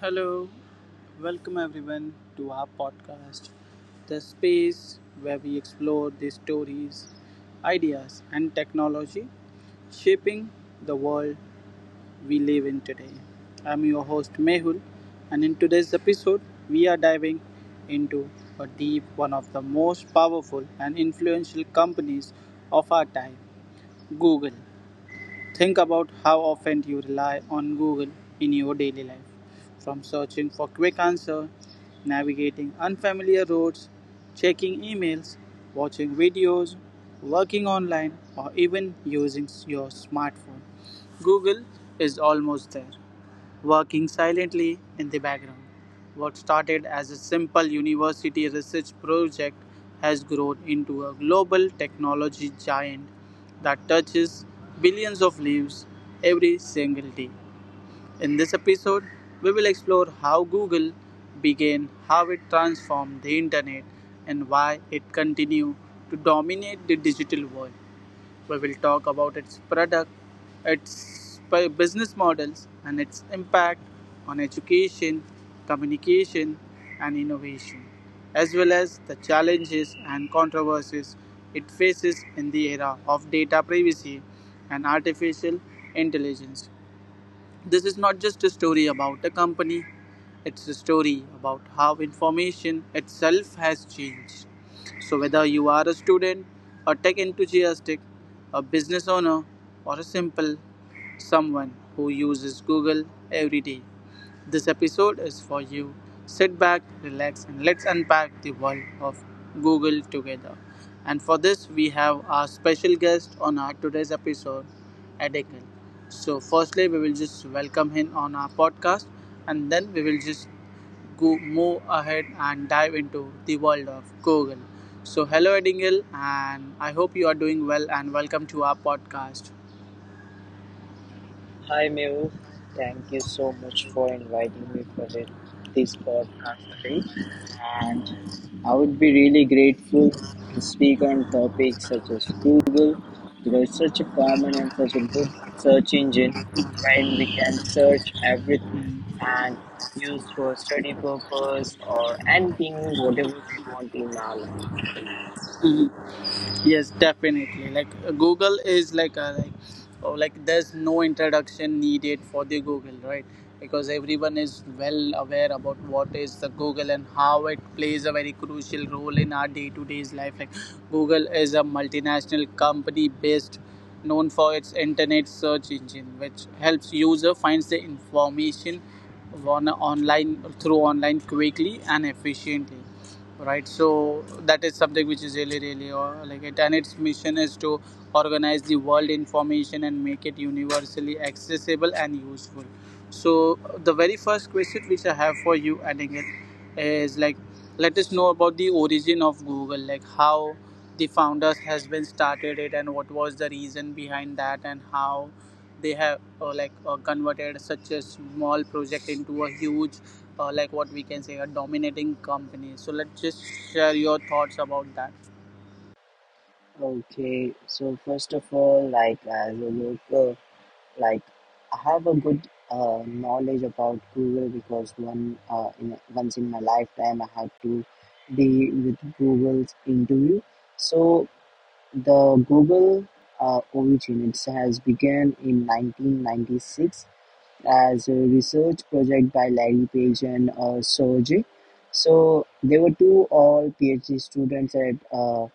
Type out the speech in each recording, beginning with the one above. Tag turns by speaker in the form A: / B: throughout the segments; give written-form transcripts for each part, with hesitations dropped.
A: Hello, welcome everyone to our podcast, the space where we explore the stories, ideas, and technology shaping the world we live in today. I'm your host Mehul, and in today's episode, we are diving into a deep one of the most powerful and influential companies of our time, Google. Think about how often you rely on Google in your daily life. From searching for quick answers, navigating unfamiliar roads, checking emails, watching videos, working online, or even using your smartphone, Google is almost there working silently in the background. What started as a simple university research project has grown into a global technology giant that touches billions of lives every single day. In this episode, we will explore how Google began, how it transformed the internet, and why it continues to dominate the digital world. We will talk about its product, its business models, and its impact on education, communication, and innovation, as well as the challenges and controversies it faces in the era of data privacy and artificial intelligence. This is not just a story about a company, it's a story about how information itself has changed. So, whether you are a student, a tech enthusiast, a business owner, or a simple someone who uses Google every day, this episode is for you. Sit back, relax, and let's unpack the world of Google together. And for this, we have our special guest on our today's episode, Adekin. So, firstly, we will just welcome him on our podcast, and then we will just go move ahead and dive into the world of Google. So, hello, Edingle, and I hope you are doing well. And welcome to our podcast.
B: Hi Mehul, thank you so much for inviting me for this podcast today. And I would be really grateful to speak on topics such as Google because it's such a common and such a good search engine when we can search everything and use for study purpose or anything whatever we want in our life.
A: Mhm. Yes, definitely. Google is like there's no introduction needed for the Google, right? Because everyone is well aware about what is the Google and how it plays a very crucial role in our day-to-day's life. Like Google is a multinational company based known for its internet search engine, which helps user finds the information on online through online quickly and efficiently, right? So that is something which is really really like it. And its mission is to organize the world information and make it universally accessible and useful. So the very first question which I have for you, Adding, it is like, let us know about the origin of Google, like how the founders has been started it and what was the reason behind that and how they have converted such a small project into a huge like, what we can say, a dominating company. So let's just share your thoughts about that.
B: Okay, so first of all, like as a local like I have a good knowledge about Google because once in my lifetime I had to be with Google's interview. So the Google origin it has began in 1996 as a research project by Larry Page and Sergey. So they were two all PhD students at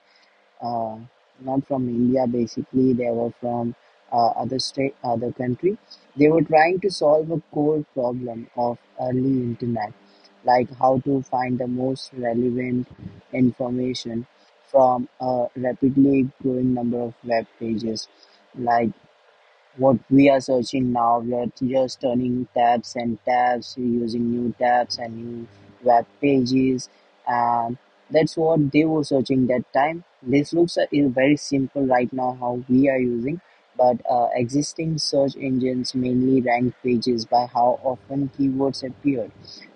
B: uh, not from India basically, they were from other state, other country. They were trying to solve a core problem of early internet, like how to find the most relevant information from a rapidly growing number of web pages. Like what we are searching now. We are just turning tabs and tabs, using new tabs and new web pages, and that's what they were searching that time. This looks is very simple right now how we are using, but existing search engines mainly rank pages by how often keywords appear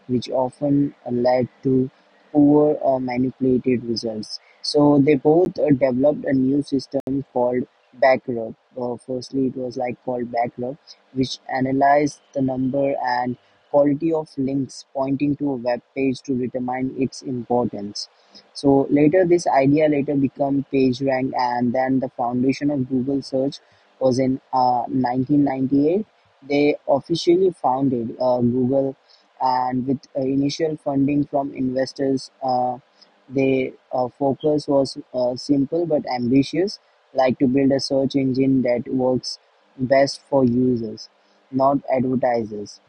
B: which often led to poor or manipulated results. So they both developed a new system called backrub. Firstly, it was like called backrub, which analyzed the number and quality of links pointing to a web page to determine its importance. So later, this idea later became PageRank, and then the foundation of Google search was in 1998. They officially founded Google and with initial funding from investors, their focus was simple but ambitious, like to build a search engine that works best for users, not advertisers.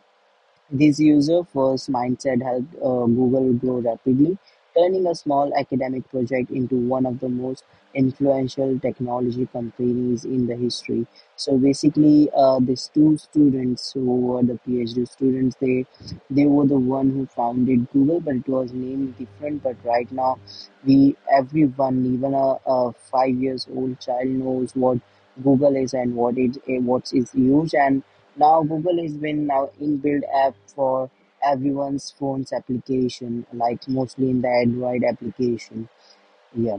B: This user-first mindset helped Google grow rapidly, turning a small academic project into one of the most influential technology companies in the history. So basically, these two students who were the PhD students, they were the one who founded Google, but it was named different. But right now, we everyone, even a 5 years old child, knows what Google is and what it what is used and now Google has been now inbuilt app for everyone's phones application, like mostly in the Android application. Yeah.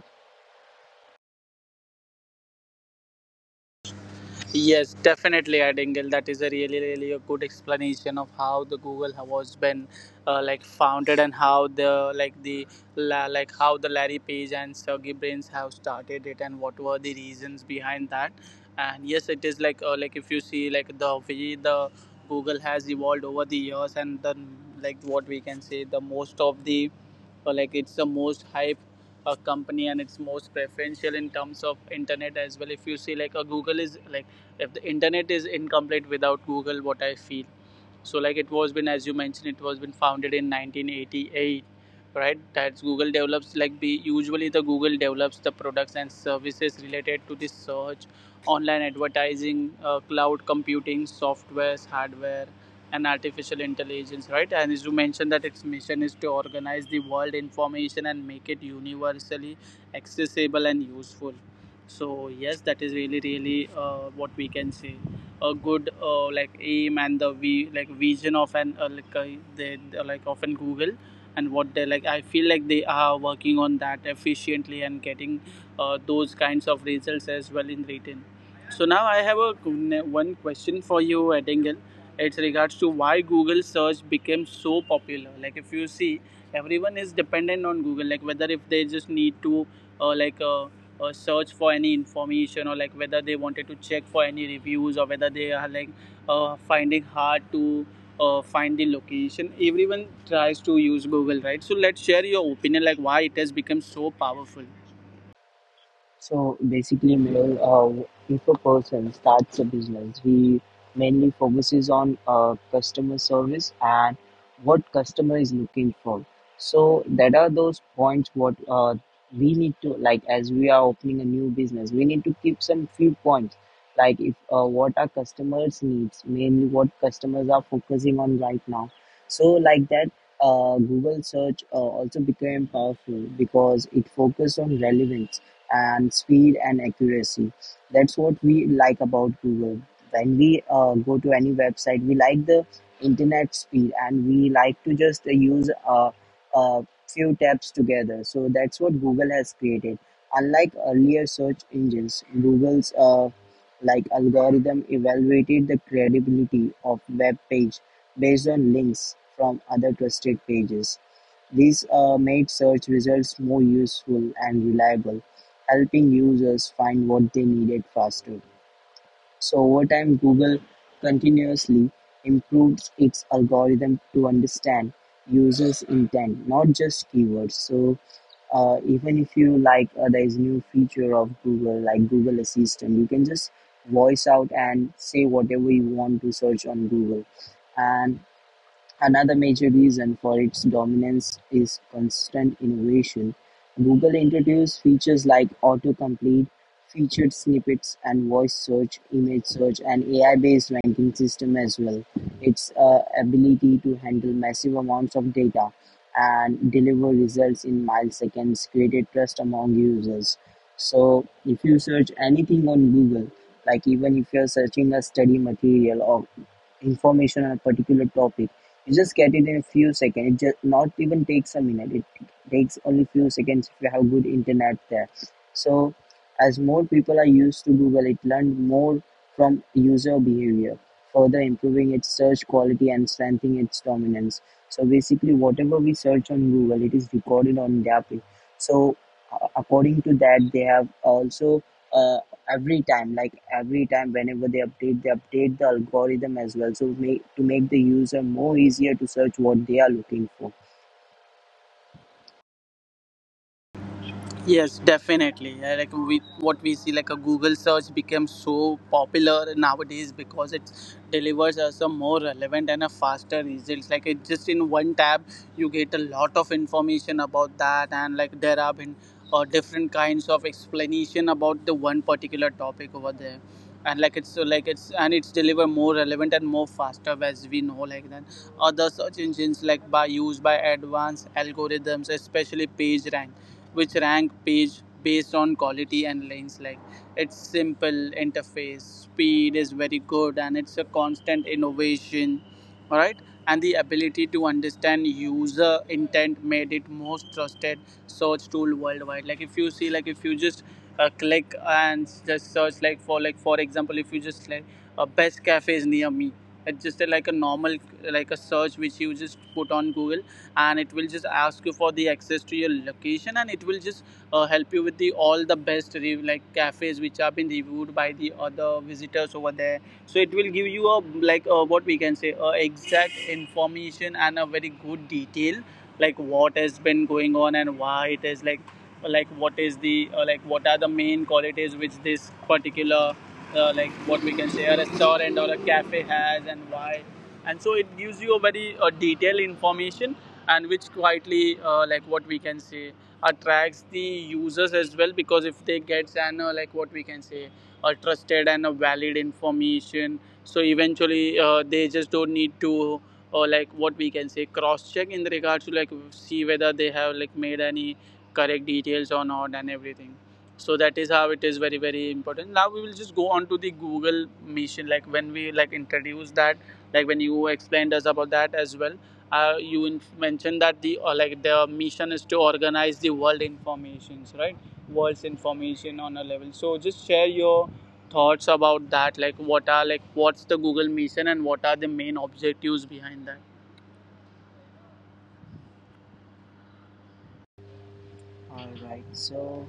A: Yes, definitely, Adingle, that is a really really a good explanation of how the Google was been like founded and how the like how the Larry Page and Sergey Brains have started it and what were the reasons behind that. And yes, it is like, like if you see, like the way the Google has evolved over the years and the like, what we can say, the most of the, or like it's the most hype company and it's most preferential in terms of internet as well. If you see, like a Google is like, if the internet is incomplete without Google, what I feel. So like it was been, as you mentioned, it was been founded in 1988, right? That's Google develops like the, usually the Google develops the products and services related to the search, online advertising, cloud computing, softwares, hardware, and artificial intelligence, right? And as you mentioned that its mission is to organize the world information and make it universally accessible and useful. So yes, that is really really, what we can say, a good like aim and the v like vision of an like they like often Google and what they like. I feel like they are working on that efficiently and getting those kinds of results as well in written. So now I have a one question for you, Edingle. It's regards to why Google search became so popular. Like if you see, everyone is dependent on Google, like whether if they just need to uh, like uh, search for any information or like whether they wanted to check for any reviews or whether they are like finding hard to find the location, everyone tries to use Google, right? So let's share your opinion, like why it has become so powerful.
B: So basically, Mehul, if a person starts a business, he mainly focuses on customer service and what customer is looking for. So that are those points what we need to like as we are opening a new business, we need to keep some few points like if what our customers needs, mainly what customers are focusing on right now. So like that. Google search also became powerful because it focused on relevance and speed and accuracy. That's what we like about Google. When we go to any website, we like the internet speed and we like to just use a few tabs together. So that's what Google has created. Unlike earlier search engines, Google's like algorithm evaluated the credibility of web page based on links from other trusted pages. These made search results more useful and reliable helping users find what they needed faster. So over time, Google continuously improves its algorithm to understand users' intent, not just keywords. So even if you like, there is a new feature of Google, like Google Assistant, you can just voice out and say whatever you want to search on Google. And another major reason for its dominance is constant innovation. Google introduced features like autocomplete, featured snippets, and voice search, image search, and AI-based ranking system as well. Its ability to handle massive amounts of data and deliver results in milliseconds created trust among users. So, if you search anything on Google, like even if you're searching a study material or information on a particular topic, you just get it in a few seconds. It just not even takes a minute. It takes only few seconds if you have good internet there. So as more people are used to Google, it learned more from user behavior, further improving its search quality and strengthening its dominance. So basically, whatever we search on Google, it is recorded on their page. So according to that, they have also. uh, every time like every time whenever they update the algorithm as well so make the user more easier to search what they are looking for.
A: Yes, definitely. Yeah. What we see, like a Google search became so popular nowadays because it delivers us a more relevant and a faster results. Like it just in one tab, you get a lot of information about that, and like there have been different kinds of explanation about the one particular topic over there, and like it's so like it's and it's deliver more relevant and more faster as we know like that. Other search engines like by used by advanced algorithms, especially PageRank, which rank page based on quality and lanes, like it's simple interface speed is very good and it's a constant innovation, all right? And the ability to understand user intent made it most trusted search tool worldwide. Like if you see, like if you just click and just search like for, like for example, if you just like best cafes near me, it's just a, like a normal like a search which you just put on Google and it will just ask you for the access to your location and it will just help you with the all the best like cafes which have been reviewed by the other visitors over there. So it will give you a like, what we can say, exact information and a very good detail like what has been going on and why it is like, what is the like what are the main qualities which this particular like, what we can say, a restaurant or a cafe has and why. And so it gives you a very detailed information and which quietly like, what we can say, attracts the users as well. Because if they get an like, what we can say, a trusted and a valid information, so eventually they just don't need to like, what we can say, cross check in regards to like see whether they have like made any correct details or not and everything. So that is how it is very very important. Now we will just go on to the Google mission. Like when we like introduce that, like when you explained us about that as well, you mentioned that the, or like the mission is to organize the world informations, right? World's information on a level. So just share your thoughts about that, like what are like what's the Google mission and what are the main objectives behind that.
C: All right. So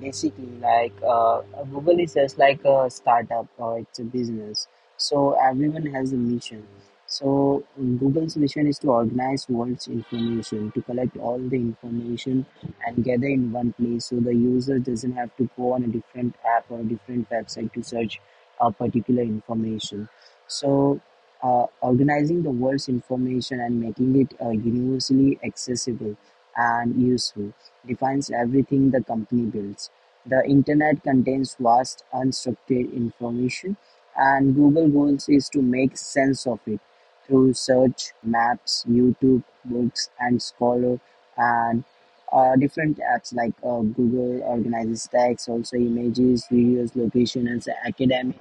C: basically, like Google is just like a startup or it's a business. So everyone has a mission. So Google's mission is to organize world's information, to collect all the information and gather in one place, so the user doesn't have to go on a different app or different website to search a particular information. So organizing the world's information and making it universally accessible and useful defines everything the company builds. The internet contains vast unstructured information, and Google's goal is to make sense of it through search, maps, YouTube, books, and Scholar, and different apps like Google organizes text, also images, videos, location, and academic,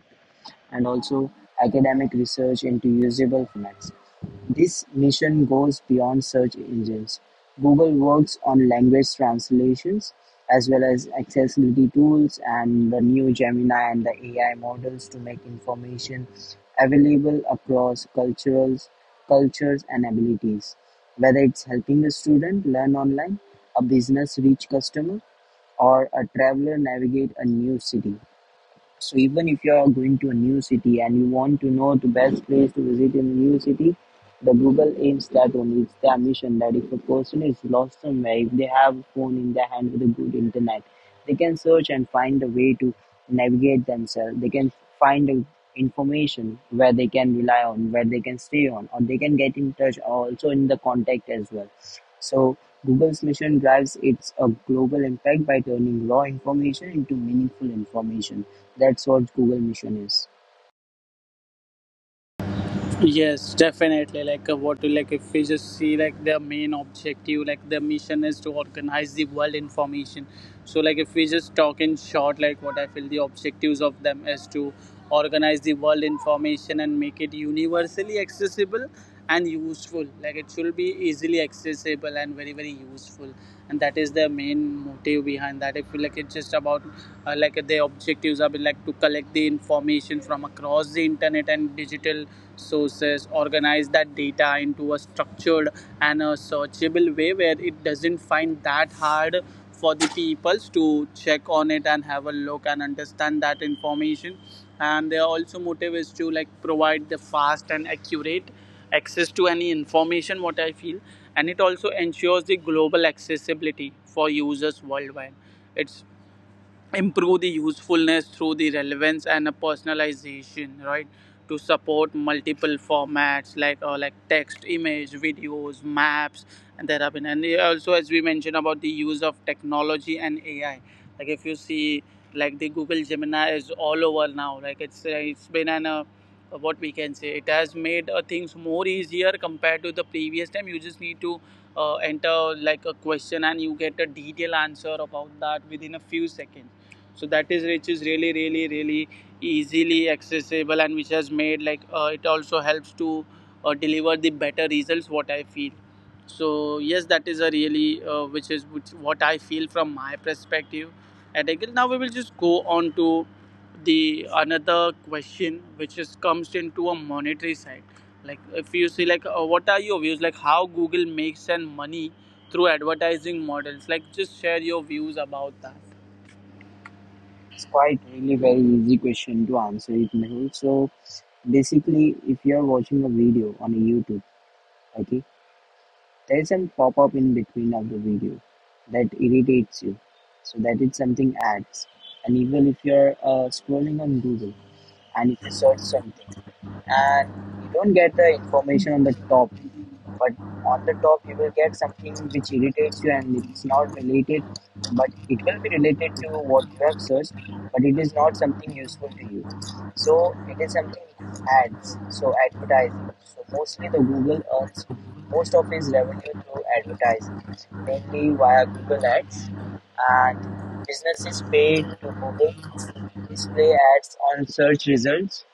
C: and also academic research into usable formats. This mission goes beyond search engines. Google works on language translations as well as accessibility tools and the new Gemini and the AI models to make information available across cultures and abilities. Whether it's helping a student learn online, a business reach customer, or a traveler navigate a new city. So even if you are going to a new city and you want to know the best place to visit in a new city, the Google aims that only. It's their mission that if a person is lost somewhere, if they have a phone in their hand with a good internet, they can search and find a way to navigate themselves. They can find a information where they can rely on, where they can stay on, or they can get in touch also in the contact as well. So Google's mission drives its a global impact by turning raw information into meaningful information. That's what Google Mission is.
A: Yes, definitely. What, like if we just see, like their main objective, like their mission is to organize the world information. So, like if we just talk in short, like what I feel the objectives of them is to organize the world information and make it universally accessible and useful. Like it should be easily accessible and very very useful, and that is their main motive behind that. I feel like it's just about their objectives are like to collect the information from across the internet and digital sources, organize that data into a structured and a searchable way where it doesn't find that hard for the peoples to check on it and have a look and understand that information. And their also motive is to like provide the fast and accurate access to any information, what I feel. And it also ensures the global accessibility for users worldwide. It's improve the usefulness through the relevance and a personalization, right? To support multiple formats like text, image, videos, maps, and there have been, and also as we mentioned about the use of technology and AI. Like if you see, like the Google Gemini is all over now. Like it's been an what we can say, it has made things more easier compared to the previous time. You just need to enter like a question and you get a detailed answer about that within a few seconds. So that is which is really really really easily accessible and which has made like it also helps to deliver the better results, what I feel. So yes, that is a really which is which, what I feel from my perspective. And again, now we will just go on to the another question which is comes into a monetary side. Like if you see, like what are your views like how Google makes and money Through advertising models, like just share your views about
C: It's quite really very easy question to answer it, Mehul. So basically, if you are watching a video on a YouTube, okay, there is some pop up in between of the video that irritates you. So that is something ads. And even if you are scrolling on Google and if you search something and you don't get the information on the top, but on the top you will get something which irritates you, and it's not related but it will be related to what you have searched, but it is not something useful to you, so it is something ads. So advertising. So mostly the Google earns most of its revenue through advertising, mainly via Google ads. And businesses pay to Google display ads on search results,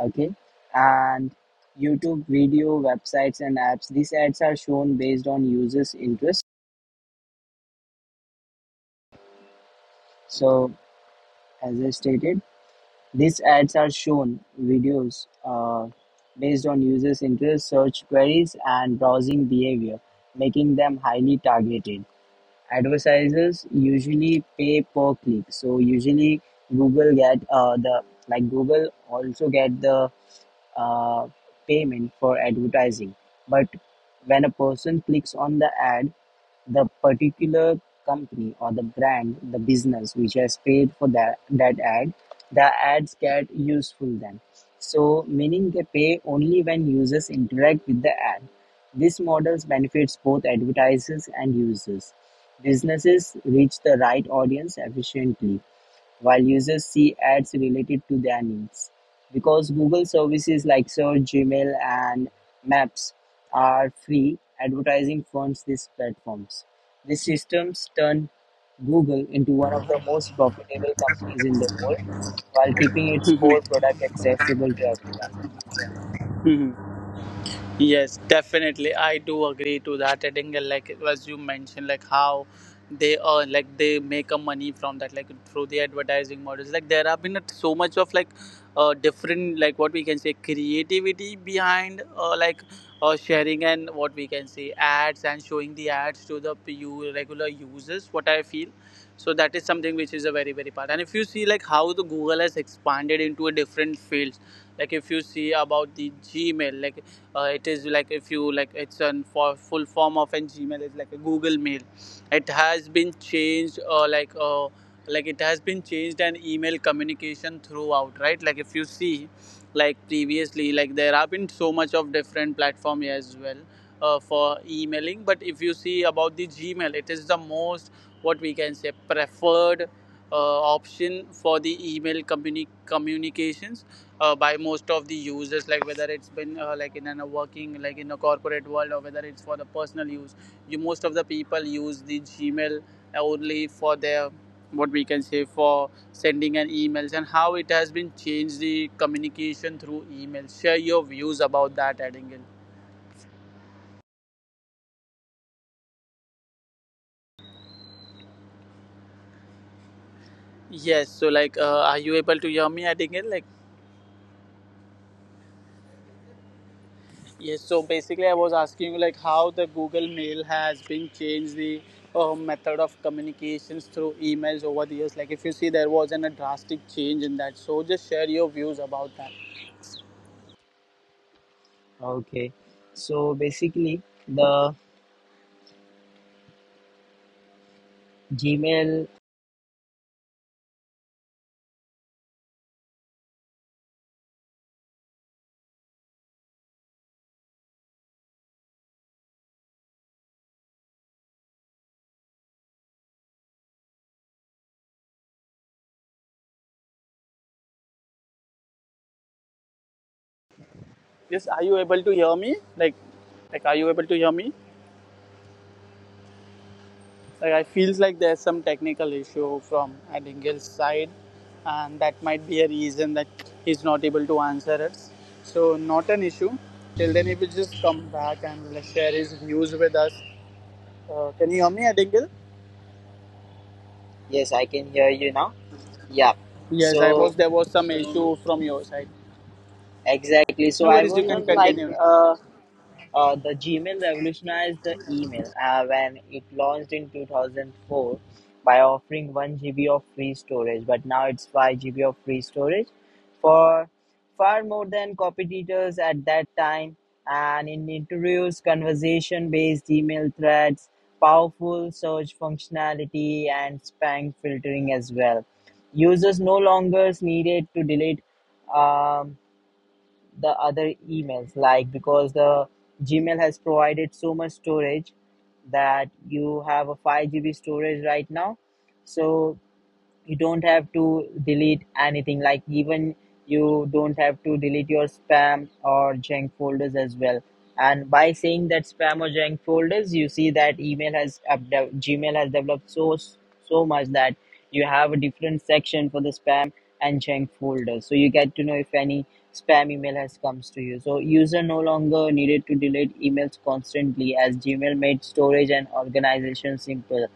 C: okay, and YouTube video, websites, and apps. These ads are shown based on users interest. So as I stated, these ads are shown videos based on users interest, search queries, and browsing behavior, making them highly targeted. Advertisers usually pay per click. So usually google get uh, the Google also get the uh, payment for advertising. But when a person clicks on the ad, the particular company or the brand, the business which has paid for that ad, the ads get useful then. So, meaning they pay only when users interact with the ad. This model benefits both advertisers and users. Businesses reach the right audience efficiently while users see ads related to their needs. Because Google services like Search, Gmail, and Maps are free, advertising funds these platforms. These systems turn Google into one of the most profitable companies in the world while keeping its core
A: that.
C: product accessible to everyone.
A: Yes, definitely. I do agree to that. I think, like as you mentioned, like how they earn, like they make a money from that, like through the advertising models. Like there have been so much of like different, like what we can say, creativity behind like sharing and what we can say ads and showing the ads to the you regular users. What I feel. So that is something which is a very very part. And if you see like how the Google has expanded into a different fields, like if you see about the Gmail, like it is like if you like it's a for full form of an Gmail is like a Google Mail. It has been changed, like it has been changed and email communication throughout, right? Like if you see like previously, like there have been so much of different platform here as well for emailing, but if you see about the Gmail, it is the most, what we can say, preferred option for the email communications by most of the users, like whether it's been like in a working, like in a corporate world, or whether it's for the personal use, you most of the people use the Gmail only for their, what we can say, for sending an emails, and how it has been changed the communication through email. Share your views about that, adding yes, so like, are you able to hear me, adding like, yes, so basically, I was asking you like how the Google Mail has been changed the method of communications through emails over the years. Like, if you see, there was an, a drastic change in that. So, just share your views about that.
C: Okay, so basically, the Gmail
A: Yes, are you able to hear me? Like are you able to hear me? Like, I feels like there's some technical issue from Adingel's side, and that might be a reason that he's not able to answer us. So, not an issue. Till then, he will just come back and like, share his views with us. Can you hear me, at Dingle?
B: Yes, I can hear you now. Yeah.
A: Yes, I
B: So
A: was. There was some issue from your side.
B: exactly. So
A: No
B: I
A: worries. You
B: was
A: can
B: on like
A: continue.
B: the Gmail revolutionized the email when it launched in 2004 by offering 1 GB of free storage, but now it's 5 GB of free storage for far more than copy editors at that time. And it introduced conversation based email threads, powerful search functionality, and spam filtering as well. Users no longer needed to delete. Um, the other emails like because the gmail has provided so much storage that you have a 5 GB storage right now so you don't have to delete anything like even you don't have to delete your spam or junk folders as well and by saying that spam or junk folders you see that email has gmail has developed so much that you have a different section for the spam and junk folders so you get to know if any spam email has comes to you so user no longer needed to delete emails constantly as gmail made storage and organization simple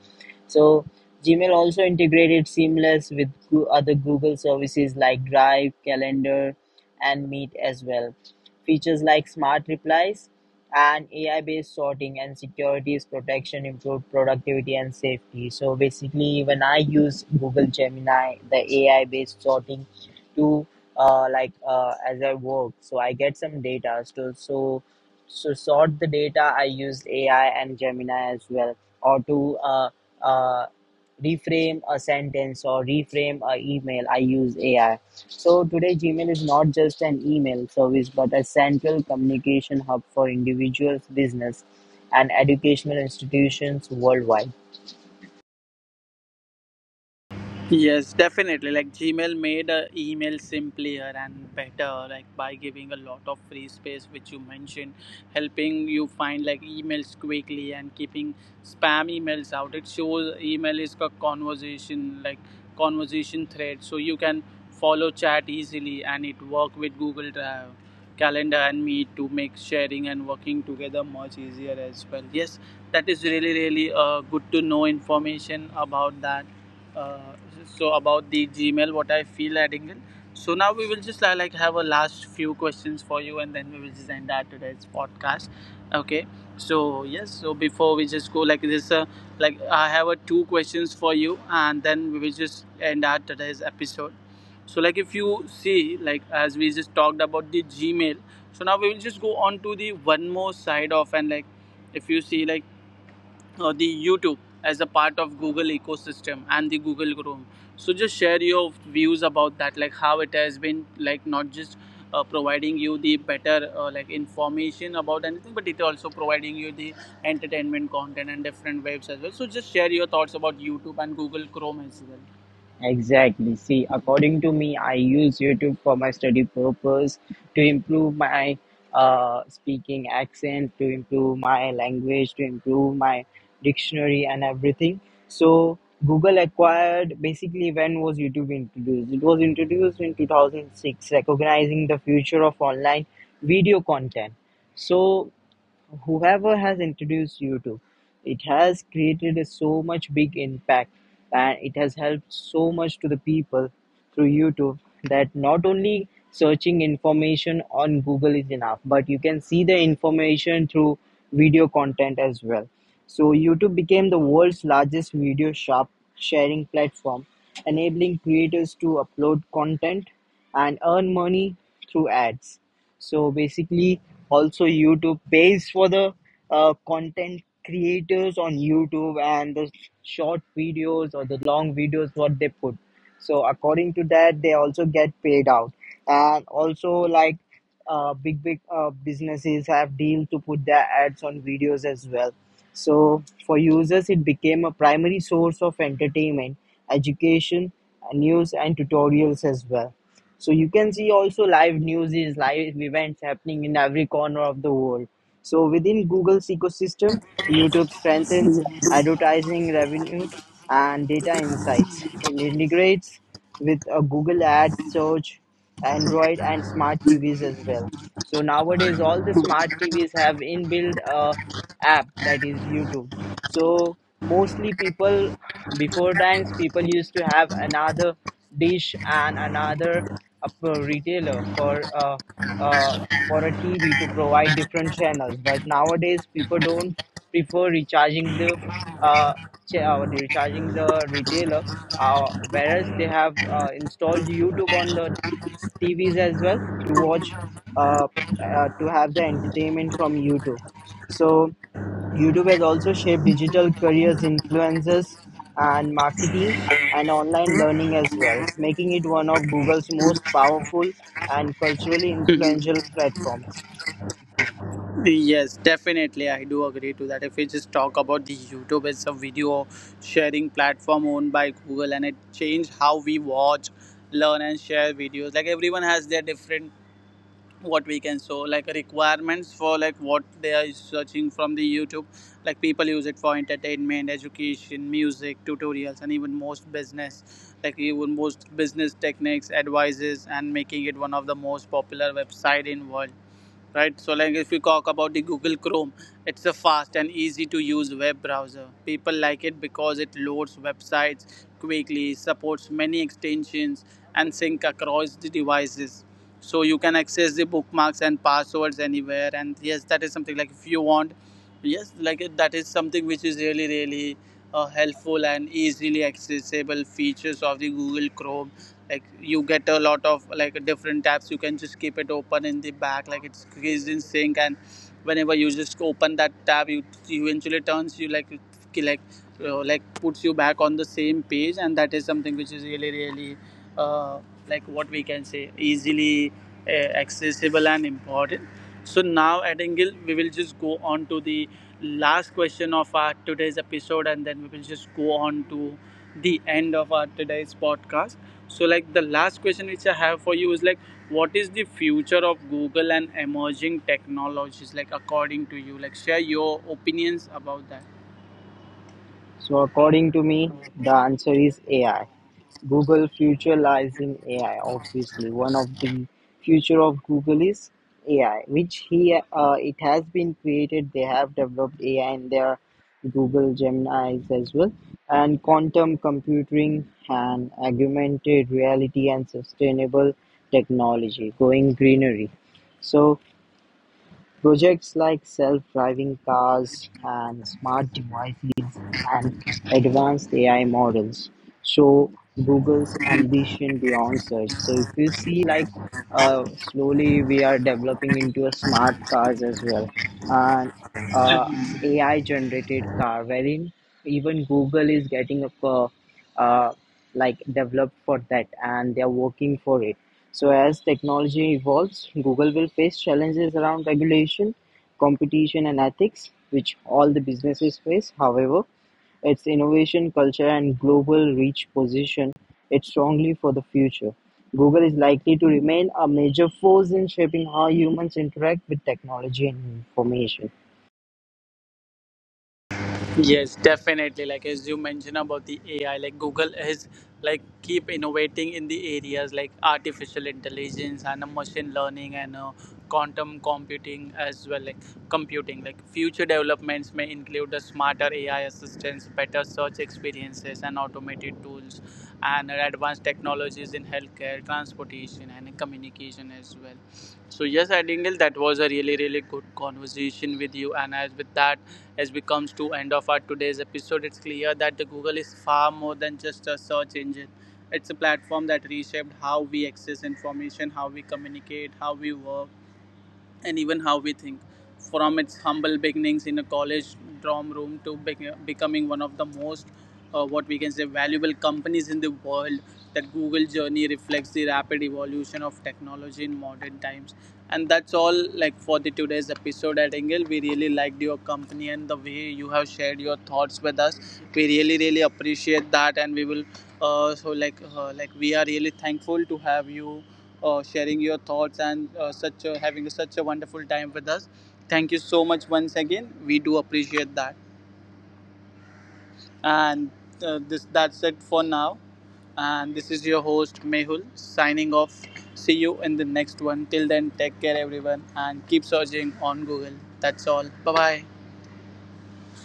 B: so Gmail also integrated seamless with other Google services like Drive, Calendar, and Meet as well. Features like smart replies and AI-based sorting and securities protection improved productivity and safety. So basically, when I use Google Gemini, the AI-based sorting to as I work, so I get some data. So sort the data. I used AI and Gemini as well, or to uh, reframe a sentence or reframe a email I use ai so today gmail is not just an email service but a central communication hub for individuals business and educational institutions worldwide.
A: Yes, definitely. Like Gmail made email simpler and better, like by giving a lot of free space, which you mentioned, helping you find like emails quickly and keeping spam emails out. It shows email is a conversation, like conversation thread, so you can follow chat easily, and it work with Google Drive, Calendar, and Meet to make sharing and working together much easier as well. Yes, that is really really good to know information about that, uh, so about the Gmail, what I feel, adding in so now we will just like have a last few questions for you, and then we will just end our today's podcast, okay? So yes, so before we just go like this, like I have two questions for you, and then we will just end our today's episode. So like if you see, like as we just talked about the Gmail, so now we will just go on to the one more side of, and like if you see like the YouTube as a part of Google ecosystem and the Google Chrome. So just share your views about that, like how it has been, like not just providing you the better like information about anything, but it also providing you the entertainment content and different waves as well. So just share your thoughts about YouTube and Google Chrome as well.
B: Exactly. See, according to me, I use YouTube for my study purpose to improve my speaking accent, to improve my language, to improve my dictionary and everything. So Google acquired basically when was YouTube introduced? It was introduced in 2006, recognizing the future of online video content. So whoever has introduced you to it has created a so much big impact and it has helped so much to the people through youtube that not only searching information on google is enough but you can see the information through video content as well so youtube became the world's largest video shop sharing platform enabling creators to upload content and earn money through ads so basically, also YouTube pays for the content creators on YouTube and the short videos or the long videos what they put. So according to that, they also get paid out, and also like big businesses have deal to put their ads on videos as well. So for users, it became a primary source of entertainment, education, news, and tutorials as well. So you can see also live news is live events happening in every corner of the world. So within Google's ecosystem, YouTube strengthens advertising revenue and data insights. It integrates with a Google Ads, search, Android, and smart TVs as well. So nowadays, all the smart TVs have inbuilt app that is YouTube. So mostly people before times people used to have another dish and another retailer uh, for a TV to provide different channels. But nowadays, people don't prefer recharging the uh, the recharging the retailer, whereas they have installed YouTube on the TVs as well to watch, uh, to have the entertainment from YouTube. So YouTube has also shaped digital careers, influencers, and marketing and online learning as well, making it one of Google's most powerful and culturally influential platforms.
A: Yes, definitely. I do agree to that. If we just talk about the YouTube, it's a video sharing platform owned by Google, and it changed how we watch, learn, and share videos. Like everyone has their different, what we can so like, requirements for like what they are searching from the YouTube. Like people use it for entertainment, education, music, tutorials, and even most business. Like even most business techniques, advices, and making it one of the most popular website in world, right? So, like if we talk about the Google Chrome, it's a fast and easy to use web browser. People like it because it loads websites quickly, supports many extensions, and sync across the devices, so you can access the bookmarks and passwords anywhere. And yes, that is something like if you want, yes, like that is something which is really really helpful and easily accessible features of the Google Chrome. Like you get a lot of like different tabs, you can just keep it open in the back, like it's is in sync, and whenever you just open that tab, you eventually turns you like, like like puts you back on the same page, and that is something which is really really uh, like what we can say easily uh, accessible and important. So now at Engel, we will just go on to the last question of our today's episode, and then we will just go on to the end of our today's podcast. So, like the last question which I have for you is like, what is the future of Google and emerging technologies? Like, according to you, like, share your opinions about that.
B: So according to me, the answer is AI. Google future lies in AI. Obviously, one of the future of Google is AI, which he it has been created. They have developed AI in their Google Gemini's as well, and quantum computing and augmented reality and sustainable technology going greenery. So projects like self-driving cars and smart devices and advanced AI models show Google's ambition beyond search. So if you see like slowly we are developing into a smart cars as well and
A: So
B: uh, AI generated car wherein even Google is getting a uh, like developed for that and they are working for it. So as technology evolves, Google will face challenges around regulation, competition and ethics, which all the businesses face. However, its innovation culture and global reach position it strongly for the future. Google is likely to remain a major force in shaping how humans interact with technology and information.
A: yes, definitely. Like as you mentioned about the AI, like Google is like keep innovating in the areas like artificial intelligence and machine learning and quantum computing as well, like computing. Like future developments may include a smarter AI assistance, better search experiences, and automated tools, and advanced technologies in healthcare, transportation, and communication as well. So yes, I think that was a really really good conversation with you, and as with that, as we come to end of our today's episode, it's clear that the Google is far more than just a search engine. It's a platform that reshaped how we access information, how we communicate, how we work, and even how we think. From its humble beginnings in a college dorm room to becoming one of the most, what we can say, valuable companies in the world, that Google journey reflects the rapid evolution of technology in modern times. And that's all like for the today's episode at Engel. We really liked your company and the way you have shared your thoughts with us. We really, really appreciate that, and we will. So like we are really thankful to have you sharing your thoughts and such a, having such a wonderful time with us. Thank you so much once again. We do appreciate that. And this that's it for now. And this is your host Mehul signing off. See you in the next one. Till then, take care everyone and keep searching on Google. That's all. Bye bye.